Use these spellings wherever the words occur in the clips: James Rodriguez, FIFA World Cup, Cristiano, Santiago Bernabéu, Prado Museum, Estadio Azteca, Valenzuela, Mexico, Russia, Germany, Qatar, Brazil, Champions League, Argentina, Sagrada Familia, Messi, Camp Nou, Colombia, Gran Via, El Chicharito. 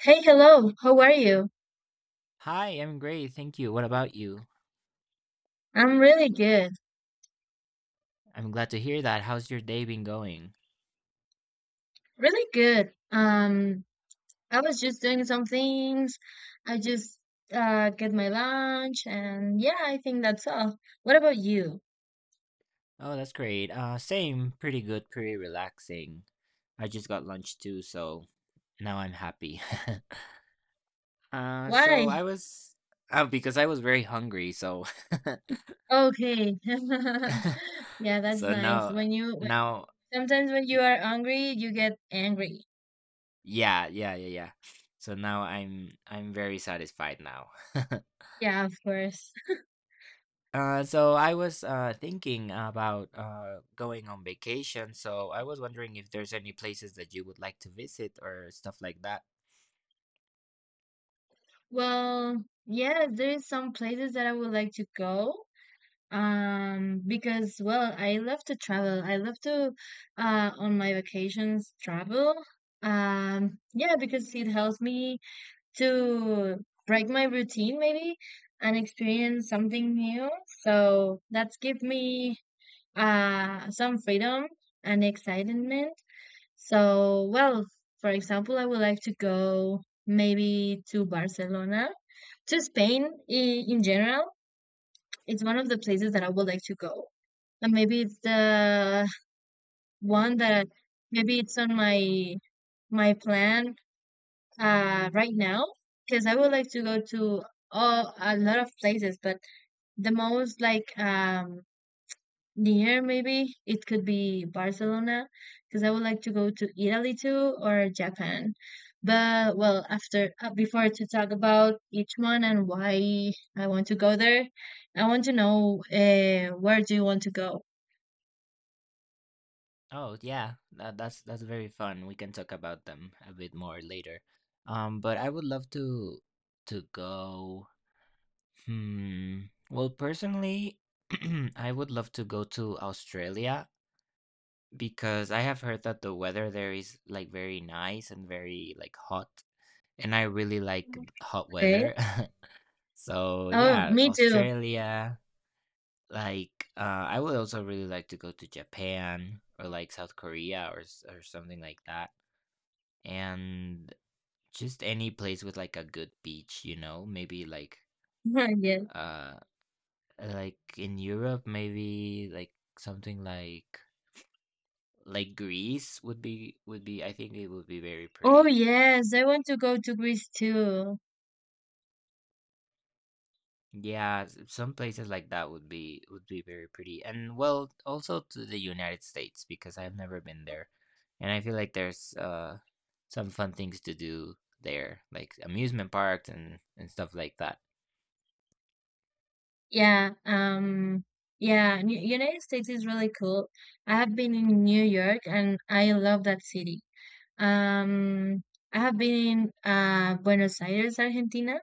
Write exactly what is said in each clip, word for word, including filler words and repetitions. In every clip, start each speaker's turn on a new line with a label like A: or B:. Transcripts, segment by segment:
A: Hey, hello. How are you?
B: Hi, I'm great. Thank you. What about you?
A: I'm really good.
B: I'm glad to hear that. How's your day been going?
A: Really good. Um, I was just doing some things. I just uh get my lunch and yeah, I think that's all. What about you?
B: Oh, that's great. Uh, same. Pretty good. Pretty relaxing. I just got lunch too, so now I'm happy. uh, so
A: Why?
B: I was, oh, because I was very hungry. So,
A: Okay. Yeah, that's
B: so
A: nice.
B: now,
A: When you when,
B: now,
A: sometimes when you
B: y-
A: are hungry, you get angry.
B: yeah, yeah, yeah, yeah. So now I'm, I'm very satisfied now.
A: Yeah, of course.
B: Uh, so I was uh, thinking about uh, going on vacation, so I was wondering if there's any places that you would like to visit or stuff like that.
A: Well, yeah, there is some places that I would like to go. Um, because well, I love to travel. I love to uh on my vacations travel. Um, yeah, because it helps me to break my routine maybe and experience something new. So that's give me uh some freedom and excitement. So well, for example, I would like to go maybe to Barcelona, to Spain in, in general. It's one of the places that I would like to go, and maybe it's the one that maybe it's on my my plan uh right now because I would like to go to all, a lot of places, but the most like um near maybe it could be Barcelona because I would like to go to Italy too or Japan. But well, after uh, before to talk about each one and why I want to go there, I want to know uh, where do you want to go?
B: Oh yeah, that, that's that's very fun. We can talk about them a bit more later. Um, but I would love to to go. Hmm. Well, personally, I would love to go to Australia because I have heard that the weather there is like very nice and very like hot, and I really like hot
A: Okay.
B: weather. So
A: Oh,
B: yeah,
A: me too.
B: Australia. Like, uh, I would also really like to go to Japan or like South Korea or s- or something like that, and just any place with like a good beach, you know. Maybe like
A: Yes.
B: uh, like in Europe, maybe like something like like Greece would be would be. I think it would be very
A: Oh
B: pretty.
A: yes, I want to go to Greece too.
B: Yeah, s- some places like that would be would be very pretty. And well, also to the United States because I've never been there. And I feel like there's uh some fun things to do there, like amusement parks and and stuff like that.
A: Yeah, um yeah, New United States is really cool. I have been in New York and I love that city. Um I have been in uh Buenos Aires, Argentina,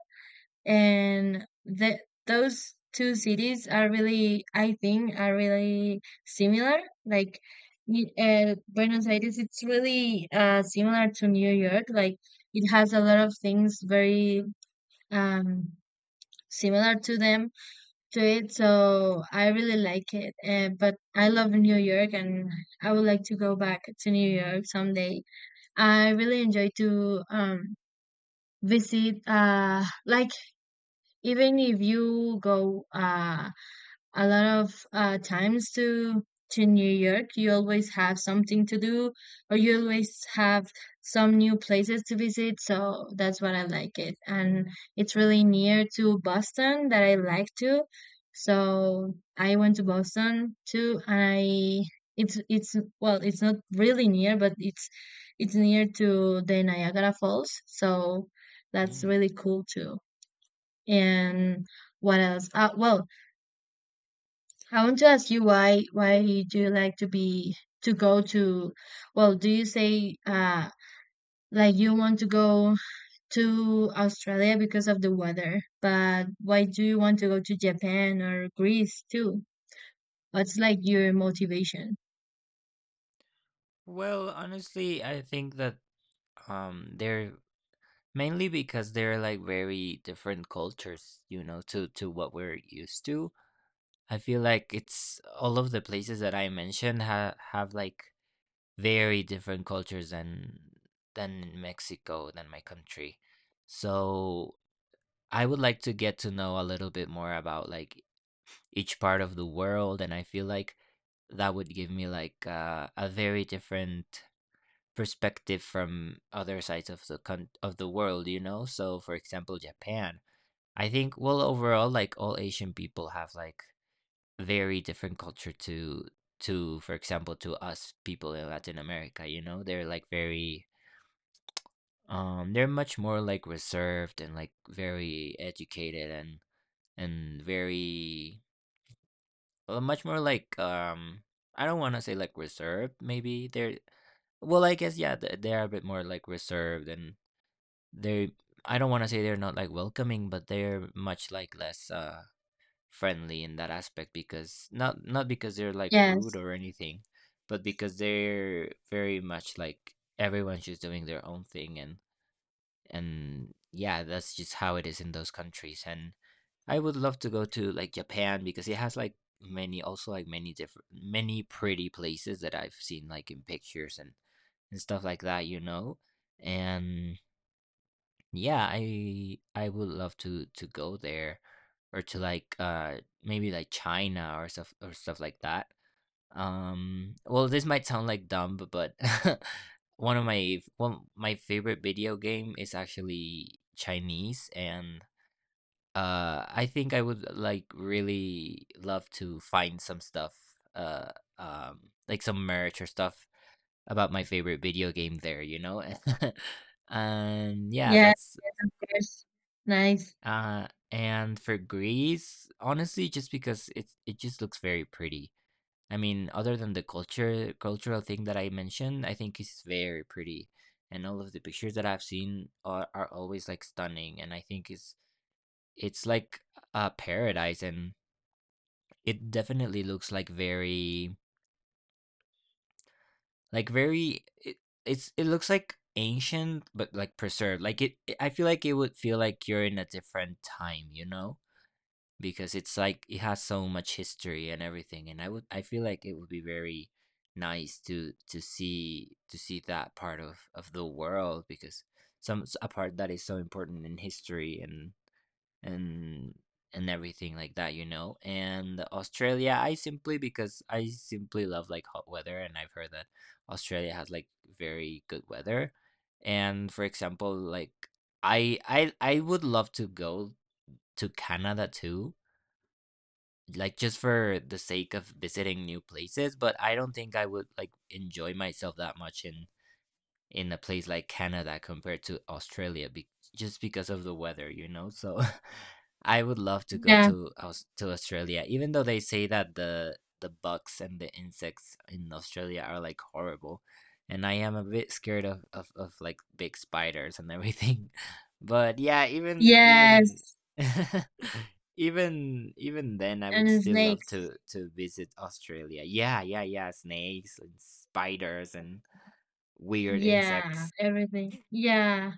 A: and the those two cities are really, I think, are really similar. Like y- uh, Buenos Aires it's really uh similar to New York, like it has a lot of things very um similar to them to it, so I really like it, uh, but I love New York, and I would like to go back to New York someday. I really enjoy to um visit uh like, even if you go uh a lot of uh, times to to New York, you always have something to do, or you always have some new places to visit. So that's what I like it, and it's really near to Boston that I like to. So I went to Boston too, and I it's it's well, it's not really near, but it's it's near to the Niagara Falls. So that's
B: Mm.
A: really cool too. And what else? Uh, well, I want to ask you why why do you like to be to go to, well, do you say uh like you want to go to Australia because of the weather, but why do you want to go to Japan or Greece too? What's like your motivation?
B: Well, honestly, I think that um they're mainly because they're like very different cultures, you know, to to what we're used to. I feel like it's all of the places that I mentioned ha have like very different cultures than than in Mexico, than my country. So I would like to get to know a little bit more about like each part of the world, and I feel like that would give me like uh, a very different perspective from other sides of the con- of the world, you know. So for example, Japan. I think, well, overall, like all Asian people have like very different culture to to for example, to us people in Latin America. You know, they're like very um they're much more like reserved, and like very educated, and and very, well, much more like um I don't want to say like reserved, maybe they're, well, I guess, yeah, th- they are a bit more like reserved, and they, I don't want to say they're not like welcoming, but they're much like less uh friendly in that aspect, because not, not because they're like rude
A: Yes.
B: or anything, but because they're very much like everyone's just doing their own thing, and and yeah, that's just how it is in those countries. And I would love to go to like Japan, because it has like many, also like many different, many pretty places that I've seen like in pictures and and stuff like that, you know. And yeah, i i would love to to go there, or to like uh maybe like China or stuff, or stuff like that. Um, well, this might sound like dumb, b- but one of my one my favorite video game is actually Chinese, and uh, I think I would like really love to find some stuff, uh, um, like some merch or stuff about my favorite video game there, you know. And yeah,
A: Yes,
B: that's
A: yes, of course. Nice.
B: uh, and for Greece, honestly, just because it's it just looks very pretty. I mean, other than the culture cultural thing that I mentioned, I think it's very pretty, and all of the pictures that I've seen are, are always like stunning, and I think it's it's like a paradise, and it definitely looks like very, like very, it, it's it looks like ancient but like preserved. Like it, I feel like it would feel like you're in a different time, you know? Because it's like it has so much history and everything, and i would I feel like it would be very nice to to see to see that part of of the world, because some a part that is so important in history, and and and everything like that, you know. And Australia, I simply, because I simply love like hot weather, and I've heard that Australia has like very good weather. And for example, like i i I would love to go to Canada too, like just for the sake of visiting new places, but I don't think I would like enjoy myself that much in in a place like Canada compared to Australia, be- just because of the weather, you know? So I would love to go
A: Yeah.
B: to Aus- to Australia, even though they say that the the bugs and the insects in Australia are like horrible. And I am a bit scared of, of, of like big spiders and everything. But yeah, even even
A: Yes.
B: even even then I would
A: And
B: still love
A: snakes.
B: to to visit Australia. Yeah, yeah, yeah. Snakes and spiders and weird
A: Yeah,
B: insects.
A: everything. Yeah.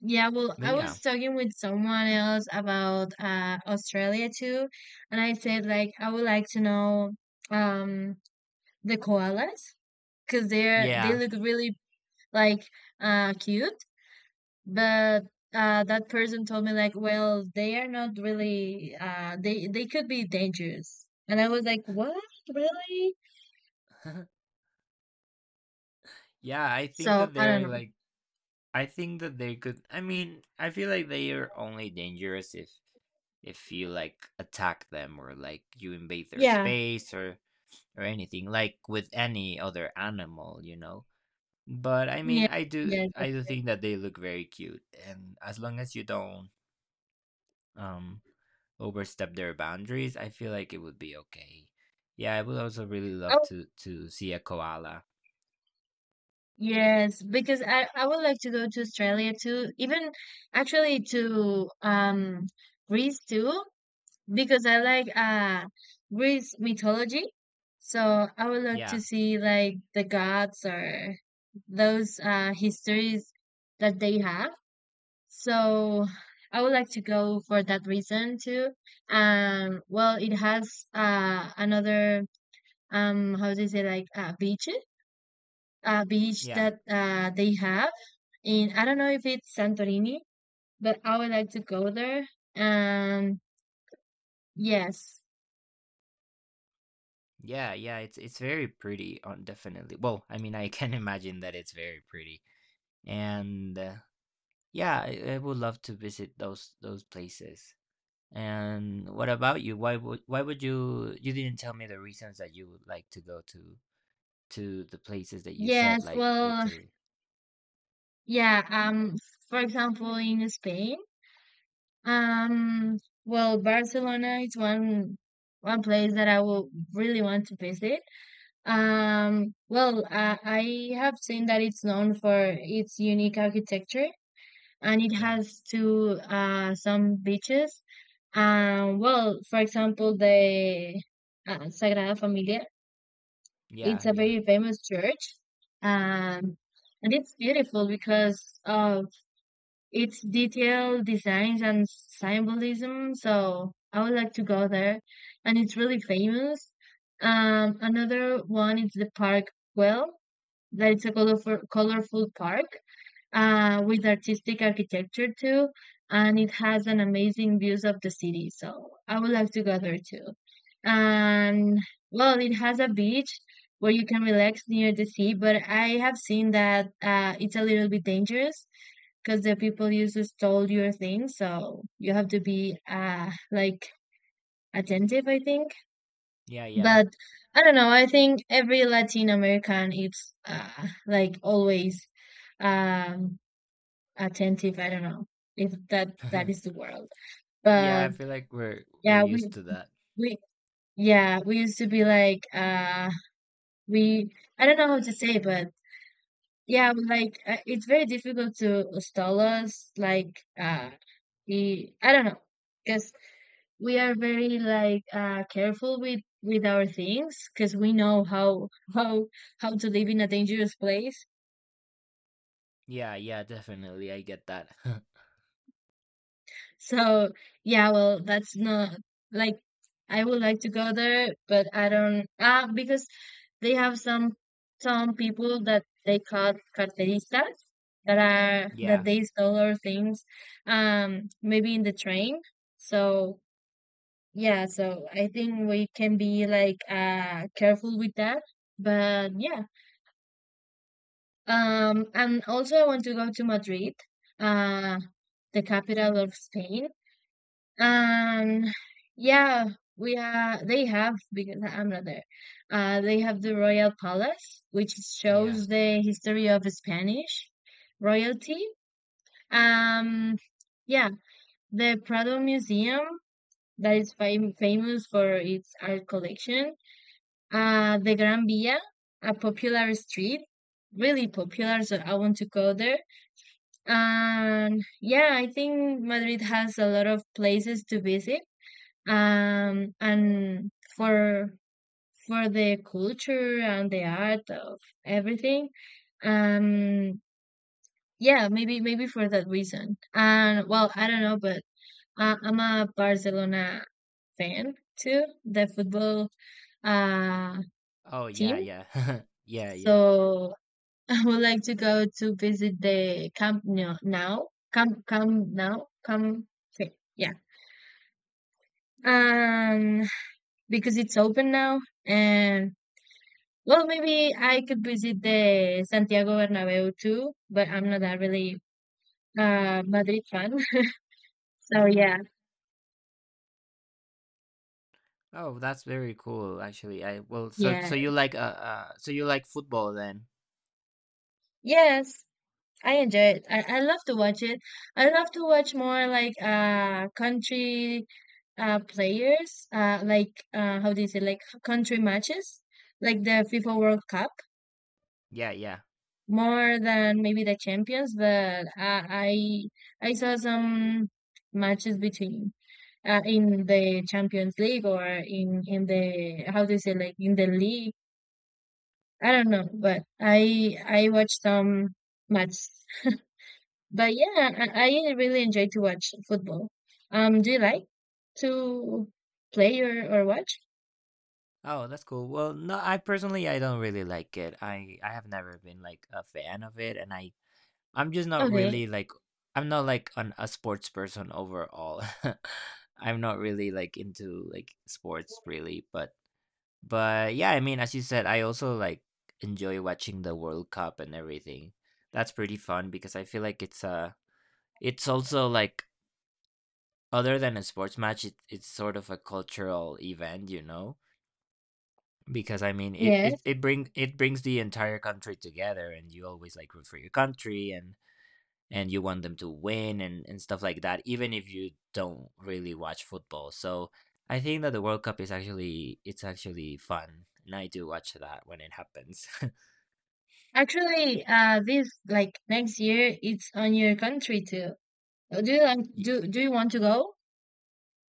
A: Yeah, well,
B: But
A: I was
B: yeah.
A: talking with someone else about uh, Australia too, and I said like I would like to know um the koalas because they're they
B: Yeah.
A: look really like uh cute, but uh that person told me like, well, they are not really uh they they could be dangerous, and I was like, what really?
B: Yeah, I think
A: So
B: that
A: I don't
B: they're
A: know.
B: like, I think that they could, I mean, I feel like they are only dangerous if if you like attack them, or like you invade their
A: Yeah,
B: space, or or anything, like with any other animal, you know. But I
A: yeah,
B: mean, I do
A: yeah,
B: I
A: that's
B: do
A: right.
B: think that they look very cute, and as long as you don't um overstep their boundaries, I feel like it would be okay. Yeah, I would also really love
A: Oh,
B: to to see a koala.
A: yes, because I, I would like to go to Australia too, even actually to um Greece too, because I like uh Greece mythology. So I would like to
B: Yeah,
A: see like the gods or those uh histories that they have. So I would like to go for that reason too. Um, well, it has uh another um how do you say like uh, beach uh beach
B: yeah,
A: that uh they have. And I don't know if it's Santorini, but I would like to go there. Um, yes,
B: yeah, yeah. It's it's very pretty, on definitely. Well, I mean, I can imagine that it's very pretty, and uh, yeah, I, I would love to visit those those places. And what about you? Why would why would you? You didn't tell me the reasons that you would like to go to to the places that you said,
A: yes.
B: like
A: Well,
B: Italy.
A: yeah. Um, for example, in Spain, um, well, Barcelona is one one place that I will really want to visit. Um, well, uh, I have seen that it's known for its unique architecture, and it
B: Yeah,
A: has to uh, some beaches. Um, well, for example, the uh, Sagrada Familia, it's
B: yeah,
A: a
B: yeah,
A: very famous church. Um, and it's beautiful because of its detailed designs and symbolism. So I would like to go there. And it's really famous. Um, another one is the park, well, that it's a colorful, colorful park uh, with artistic architecture too, and it has an amazing views of the city. So I would like to go there too. And well, it has a beach where you can relax near the sea, but I have seen that uh, it's a little bit dangerous because the people used to stole your things, so you have to be uh, like attentive, I think.
B: yeah, yeah,
A: But I don't know. I think every Latin American, it's uh, like, always. Um, Attentive. I don't know if that that is the world,
B: yeah. I
A: but
B: feel like we're we're
A: yeah,
B: used
A: we
B: to that.
A: we yeah, we used to be like uh we I don't know how to say, but yeah, we like uh, it's very difficult to stall us. Like uh, the I don't know, because we are very like uh careful with with our things because we know how how how to live in a dangerous place.
B: Yeah, yeah, definitely. I get that.
A: So yeah, well, that's not like I would like to go there, but I don't ah because they have some some people that they call carteristas, that are that
B: Yeah,
A: they stole our things, um, maybe in the train. So yeah, so I think we can be like uh careful with that. But yeah, um, and also I want to go to Madrid, uh, the capital of Spain. Um, yeah, we are. They have, because I'm not there. Uh, they have the Royal Palace, which
B: yeah.
A: shows the history of Spanish royalty. Um, yeah, the Prado Museum, that is fam famous for its art collection. Uh, the Gran Via, a popular street, really popular, so I want to go there. And yeah, I think Madrid has a lot of places to visit, um, and for for the culture and the art of everything. Um, yeah, maybe maybe for that reason. And well, I don't know, but uh, I'm a Barcelona fan too, the football uh
B: Oh yeah,
A: team.
B: yeah. Yeah, yeah.
A: So I would like to go to visit the Camp Nou now. Camp Camp now Camp. Okay, yeah, um, because it's open now, and, well, maybe I could visit the Santiago Bernabéu too, but I'm not that really uh Madrid fan. So
B: Mhm.
A: yeah,
B: Oh, that's very cool actually. I Well, so
A: yeah.
B: so you like uh, uh so you like football then?
A: Yes, I enjoy it. I, I love to watch it. I love to watch more like uh country uh players, uh like uh how do you say like country matches, like the FIFA World Cup
B: Yeah, yeah.
A: more than maybe the Champions, but uh, I I saw some matches between uh, in the Champions League or in in the, how do you say, like in the league. I don't know, but I I watch some matches. But yeah, I, I really enjoy to watch football. Um, do you like to play or or watch?
B: Oh, that's cool. Well, no, I personally, I don't really like it. I I have never been like a fan of it, and I I'm just not
A: Okay.
B: really like, I'm not like an, a sports person overall. I'm not really like into like sports really, but But yeah, I mean, as you said, I also like enjoy watching the World Cup and everything. That's pretty fun, because I feel like it's a, it's also like, other than a sports match, it, it's sort of a cultural event, you know? Because I mean, it
A: Yes.
B: it it bring it brings the entire country together, and you always like root for your country, and and you want them to win and and stuff like that, even if you don't really watch football. So I think that the World Cup is actually it's actually fun, and I do watch that when it happens.
A: Actually, uh, this like next year, it's on your country too. Do you like
B: Y-
A: do do you want to go?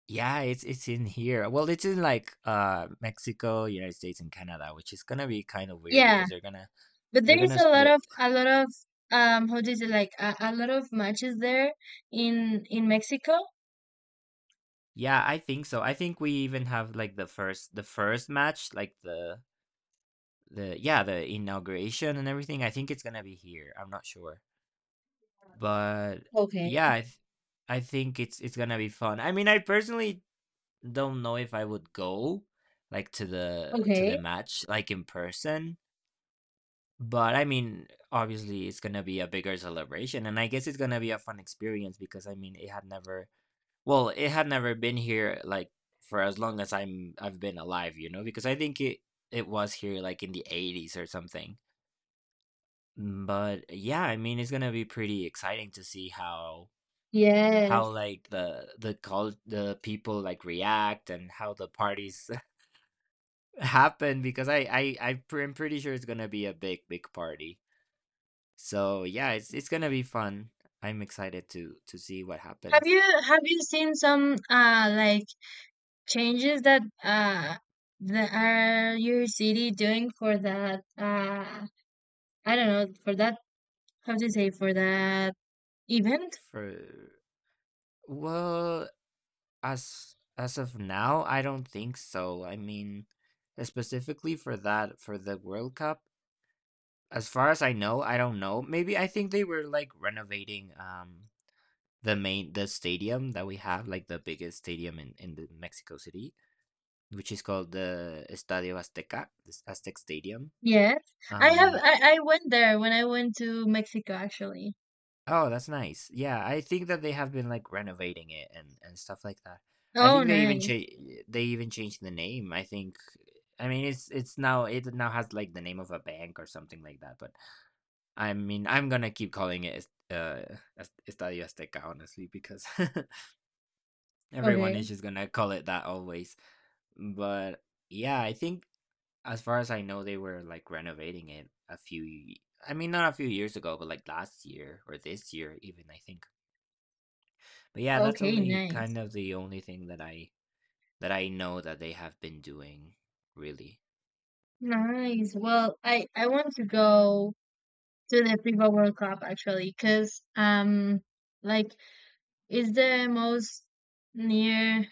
B: Yeah, it's it's in here. Well, it's in like uh Mexico, United States, and Canada, which is gonna be kind of weird
A: Yeah,
B: because they're gonna
A: but
B: they're
A: there is
B: gonna
A: a lot
B: split.
A: of a lot of um how do you say like a, a lot of matches there in in Mexico.
B: Yeah, I think so. I think we even have like the first the first match, like the the yeah the inauguration and everything. I think it's gonna be here. I'm not sure, but
A: Okay.
B: yeah, I, th- I think it's it's gonna be fun. I mean, I personally don't know if I would go like to the to the
A: Okay.
B: match like in person. But I mean, obviously, it's gonna be a bigger celebration, and I guess it's gonna be a fun experience, because I mean, it had never, well, it had never been here like for as long as I'm I've been alive, you know, because I think it it was here like in the eighties or something. Mm. But yeah, I mean, it's gonna be pretty exciting to see how how
A: Yes.
B: like the the call the people like react, and how the parties happen, because I I I'm pre- I'm pretty sure it's gonna be a big big party. So yeah, it's it's gonna be fun. I'm excited to to see what
A: Have
B: happens.
A: you have you seen some uh like changes that uh that are your city doing for that uh I don't know for that, how do you say, for that event?
B: For, well, as as of now, I don't think so. I mean, specifically for that, for the World Cup, as far as I know, I don't know. Maybe I think they were like renovating um the main the stadium that we have, like the biggest stadium in in the Mexico City, which is called the Estadio Azteca, this Aztec Stadium.
A: Yes, I have.
B: Um,
A: I I went there when I went to Mexico actually.
B: Oh, that's nice. Yeah, I think that they have been like renovating it and and stuff like that. I
A: Oh,
B: think they even
A: nice.
B: cha- they even changed the name. I think I mean it's it's now it now has like the name of a bank or something like that. But I mean I'm gonna keep calling it uh Es- Estadio Azteca honestly because everyone
A: Okay.
B: is just gonna call it that always. But yeah, I think as far as I know, they were like renovating it a few. y- I mean, not a few years ago, but like last year or this year, even I think. But yeah, that's
A: Okay,
B: only
A: nice.
B: kind of the only thing that I that I know that they have been doing, really.
A: Nice. Well, I I want to go to the FIFA World Cup actually, because um, like, it's the most near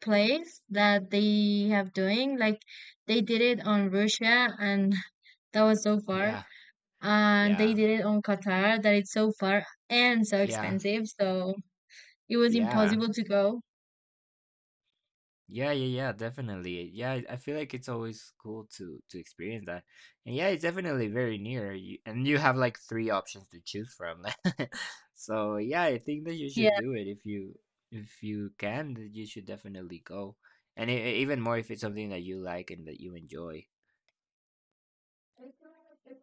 A: place that they have doing. Like, they did it on Russia, and that was so far.
B: Yeah,
A: And they
B: yeah,
A: did it on Qatar, that it's so far and so
B: yeah,
A: expensive, so it was
B: yeah,
A: impossible to go.
B: yeah, yeah, yeah. Definitely. Yeah, I I feel like it's always cool to to experience that, and yeah, it's definitely very near. You, and you have like three options to choose from. So yeah, I think that you should
A: Yeah.
B: do it if you if you can. That You should definitely go, and e- e, even more if it's something that you like and that you enjoy.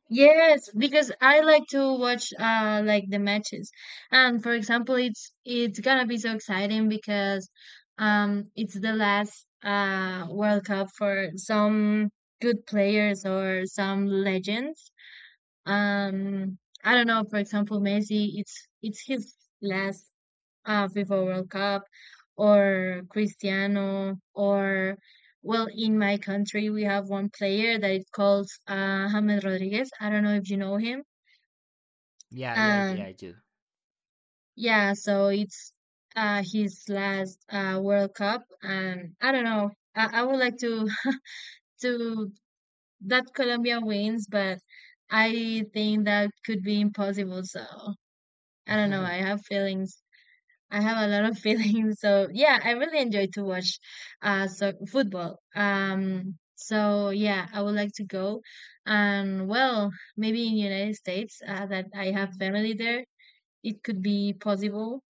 A: Yes, because I like to watch uh like the matches. And for example, it's it's gonna be so exciting because um it's the last uh World Cup for some good players or some legends. Um I don't know, for example, Messi, it's it's his last uh, FIFA World Cup, or Cristiano, or, well, in my country we have one player that is calls uh, James Rodriguez. I don't know if you know him.
B: Yeah, yeah, yeah, I
A: Um,
B: do.
A: yeah, so it's uh, his last uh, World Cup, and I don't know. I, I would like to to that Colombia wins, but I think that could be impossible. So I don't know. I have feelings. I have a lot of feelings. So yeah, I really enjoy to watch uh so football. Um so yeah, I would like to go. And well, maybe in United States uh, that I have family there, it could be possible.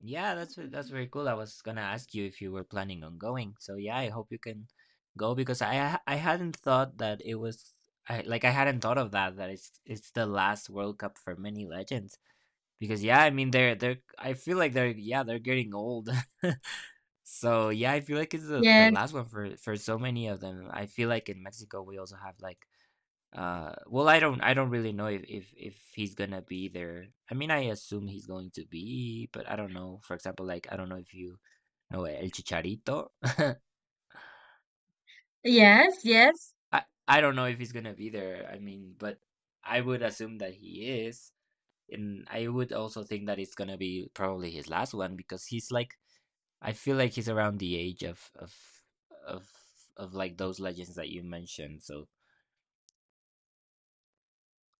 B: Yeah, that's ve- that's very cool. I was gonna ask you if you were planning on going. So yeah, I hope you can go because I ha- I hadn't thought that it was I like I hadn't thought of that that it's it's the last World Cup for many legends because yeah, I mean they're they're I feel like they're yeah, they're getting old. So yeah, I feel like it's the, the
A: Yes.
B: last one for for so many of them. I feel like in Mexico we also have like uh, well, I don't, I don't really know if, if if he's gonna be there. I mean, I assume he's going to be, but I don't know. For example, like I don't know if you know El Chicharito.
A: Yes, yes.
B: I I don't know if he's gonna be there. I mean, but I would assume that he is, and I would also think that it's gonna be probably his last one because he's like I feel like he's around the age of of of of like those legends that you mentioned. So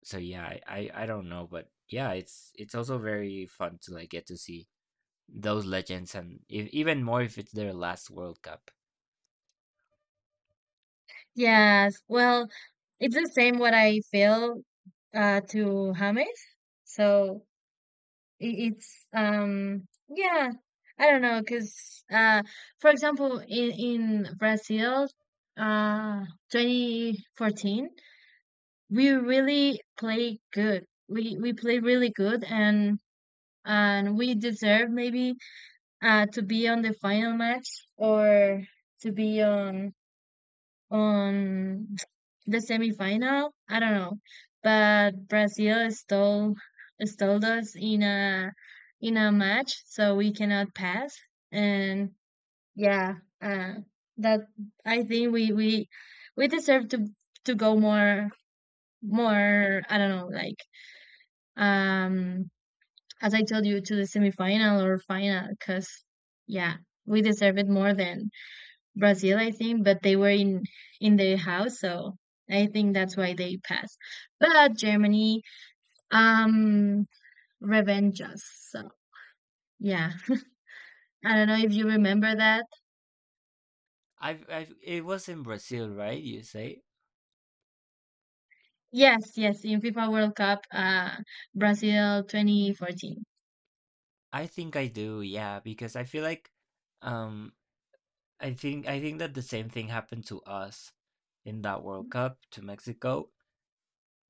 B: so yeah I, I i don't know, but yeah it's it's also very fun to like get to see those legends, and if, even more if it's their last World Cup.
A: Yes. Well, it's the same what I feel uh to James. So, It, it's um yeah, I don't know, know because uh for example in in Brazil uh twenty fourteen we really play good. We we play really good, and and we deserve maybe uh to be on the final match, or to be on on the semifinal. I don't know, but Brazil stole stole us in a in a match, so we cannot pass. And yeah, uh, that I think we we we deserve to to go more more. I don't know, like um as I told you, to the semifinal or final, because yeah, we deserve it more than Brazil, I think, but they were in in their house, so I think that's why they passed. But Germany, um, revenge us. So yeah, I don't know if you remember that.
B: I've I've It was in Brazil, right, you say?
A: Yes, yes, in FIFA World Cup, uh, Brazil twenty fourteen.
B: I think I do, yeah, because I feel like um i think i think that the same thing happened to us in that World Cup, to Mexico,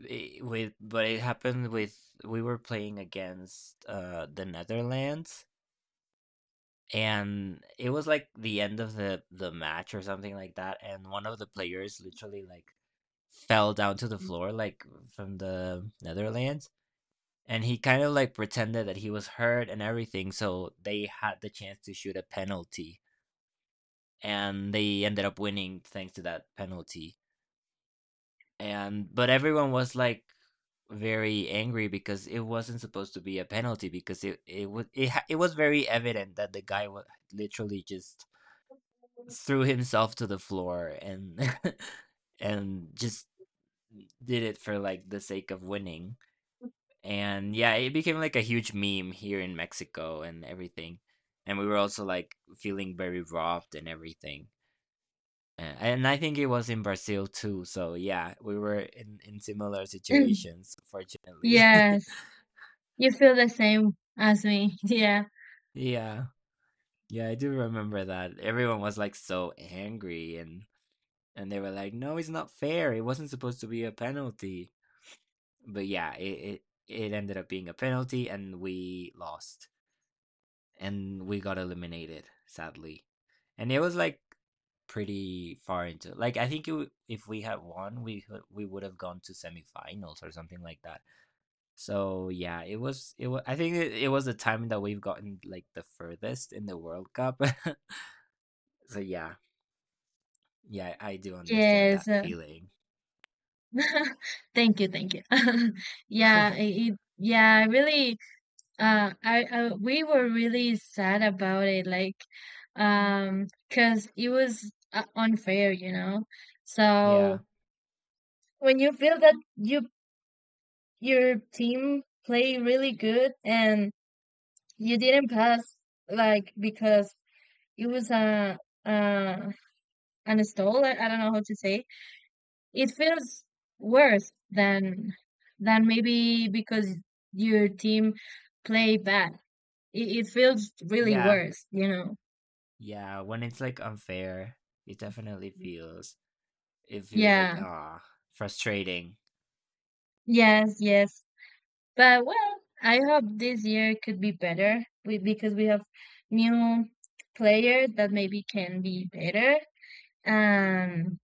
B: eh, with but it happened with we were playing against uh the Netherlands, and it was like the end of the the match or something like that, and one of the players literally like fell down to the floor, like from the Netherlands, and he kind of like pretended that he was hurt and everything, so they had the chance to shoot a penalty, and they ended up winning thanks to that penalty. And but everyone was like very angry because it wasn't supposed to be a penalty, because it it was it, ha- it was very evident that the guy was literally just threw himself to the floor and and just did it for like the sake of winning. And yeah, it became like a huge meme here in Mexico and everything. And we were also like feeling very robbed and everything. And, and I think it was in Brazil too. So yeah, we were in, in similar situations, fortunately.
A: Yes, you feel the same as me. Yeah.
B: Yeah. Yeah, I do remember that. Everyone was like so angry, and and they were like, "No, it's not fair. It wasn't supposed to be a penalty." But yeah, it, it it ended up being a penalty, and we lost, and we got eliminated sadly, and it was like pretty far into like I think it, w- if we had won, we could- we would have gone to semifinals or something like that. So yeah, it was it was I think it, it was the time that we've gotten like the furthest in the World Cup. So yeah, yeah, I do understand
A: Yes.
B: that
A: uh,
B: feeling.
A: Thank you, thank you. Yeah, it, it- yeah, I really uh I, I we were really sad about it. Like um because it was uh, unfair, you know,
B: Yeah,
A: so when you feel that you your team played really good and you didn't pass, like, because it was a uh an stall. I, I don't know how to say. It feels worse than than maybe because your team play bad, it, it feels really
B: yeah,
A: worse, you know.
B: yeah. When it's like unfair, it definitely feels it feels like
A: Yeah.
B: ah, frustrating.
A: Yes, yes. But well, I hope this year could be better, we, because we have new players that maybe can be better. Um,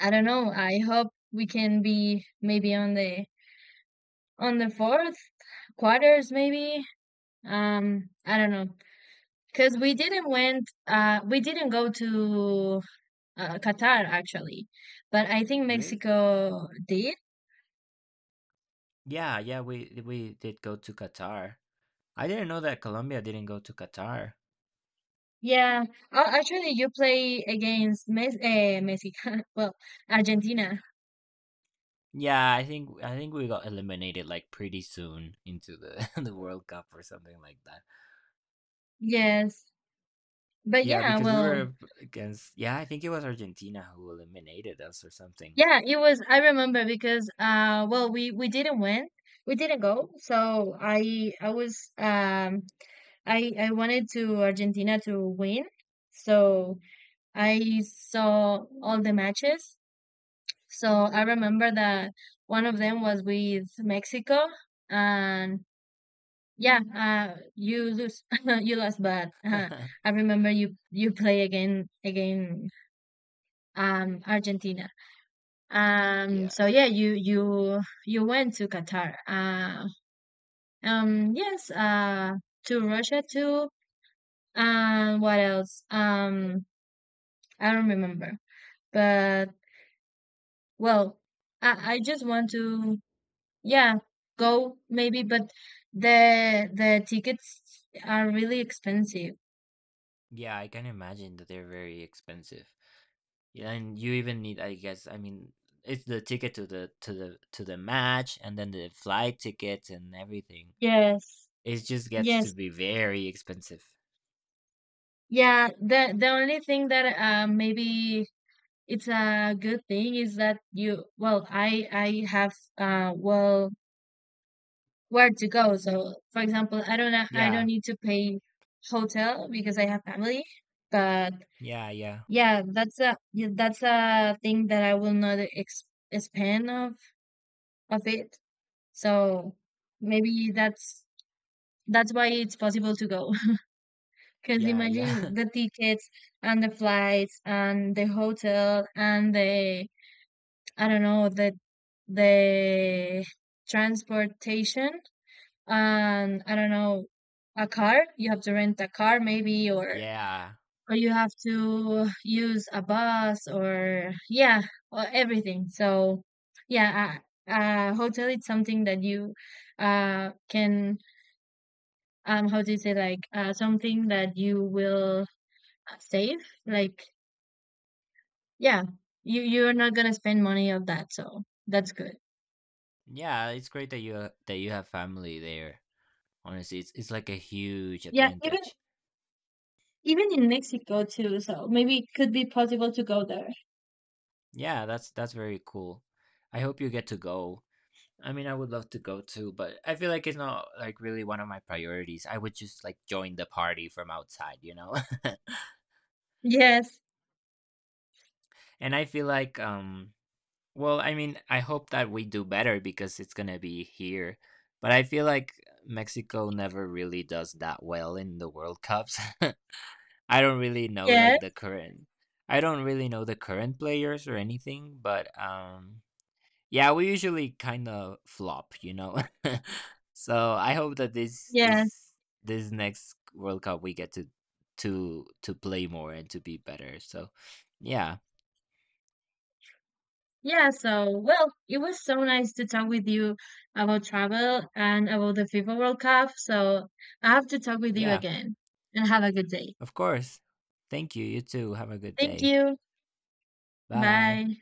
A: I don't know. I hope we can be maybe on the on the fourth quarters, maybe. Um, I don't know, because we didn't went. Uh, we didn't go to uh, Qatar actually, but I think
B: Really?
A: Mexico did.
B: Yeah, yeah, we we did go to Qatar. I didn't know that Colombia didn't go to Qatar.
A: Yeah, uh, actually, you play against Mes eh, Messi. Well, Argentina.
B: Yeah, I think I think we got eliminated like pretty soon into the the World Cup or something like that.
A: Yes, but
B: Yeah,
A: yeah,
B: because we
A: well,
B: were up against yeah, I think it was Argentina who eliminated us or something.
A: yeah, it was. I remember because uh, well, we we didn't win. We didn't go. So I I was um I I wanted to Argentina to win. So I saw all the matches. So I remember that one of them was with Mexico. And yeah, uh, you lose, you lost, but uh, I remember you you play again again um Argentina. Um,
B: Yeah.
A: so yeah, you you you went to Qatar. Uh, um, yes, uh, to Russia too. And what else? Um, I don't remember. But well, I I just want to yeah go maybe, but the the tickets are really expensive.
B: Yeah, I can imagine that they're very expensive. Yeah, and you even need, I guess, I mean, it's the ticket to the to the to the match and then the flight tickets and everything.
A: Yes.
B: It just gets to
A: Yes.
B: be very expensive.
A: Yeah, the the only thing that uh, maybe it's a good thing is that you, well, I I have uh, well, where to go. So for example, I don't ha- I don't
B: Yeah.
A: need to pay hotel because I have family. But
B: Yeah, yeah.
A: yeah, that's a, yeah, that's a thing that I will not ex expand of of it. So maybe that's that's why it's possible to go. Because
B: Yeah, yeah.
A: imagine the tickets and the flights and the hotel and the, I don't know, the the transportation, and I don't know, a car. You have to rent a car maybe, or
B: Yeah.
A: or you have to use a bus, or yeah, or everything. So yeah, a, a hotel is something that you uh can, um, how do you say, like, uh, something that you will save, like. Yeah, you you're not gonna spend money on that, so that's good.
B: Yeah, it's great that you that you have family there. Honestly, it's it's like a huge
A: Yeah, even
B: advantage.
A: even in Mexico too, so maybe it could be possible to go there.
B: Yeah, that's that's very cool. I hope you get to go. I mean, I would love to go too, but I feel like it's not like really one of my priorities. I would just like join the party from outside, you know?
A: Yes,
B: And I feel like, um, well, I mean, I hope that we do better because it's gonna be here. But I feel like Mexico never really does that well in the World Cups. I don't really know like the
A: yes,
B: current, I don't really know the current players or anything, but um, yeah, we usually kind of flop, you know. So I hope that this
A: yes.
B: this this next World Cup we get to to to play more and to be better. So yeah,
A: Yeah, so well, it was so nice to talk with you about travel and about the FIFA World Cup. So I have to talk with you
B: yeah,
A: again and have a good day.
B: of course. Thank you. You too. Have a good
A: Thank
B: day.
A: you.
B: Bye.
A: Bye.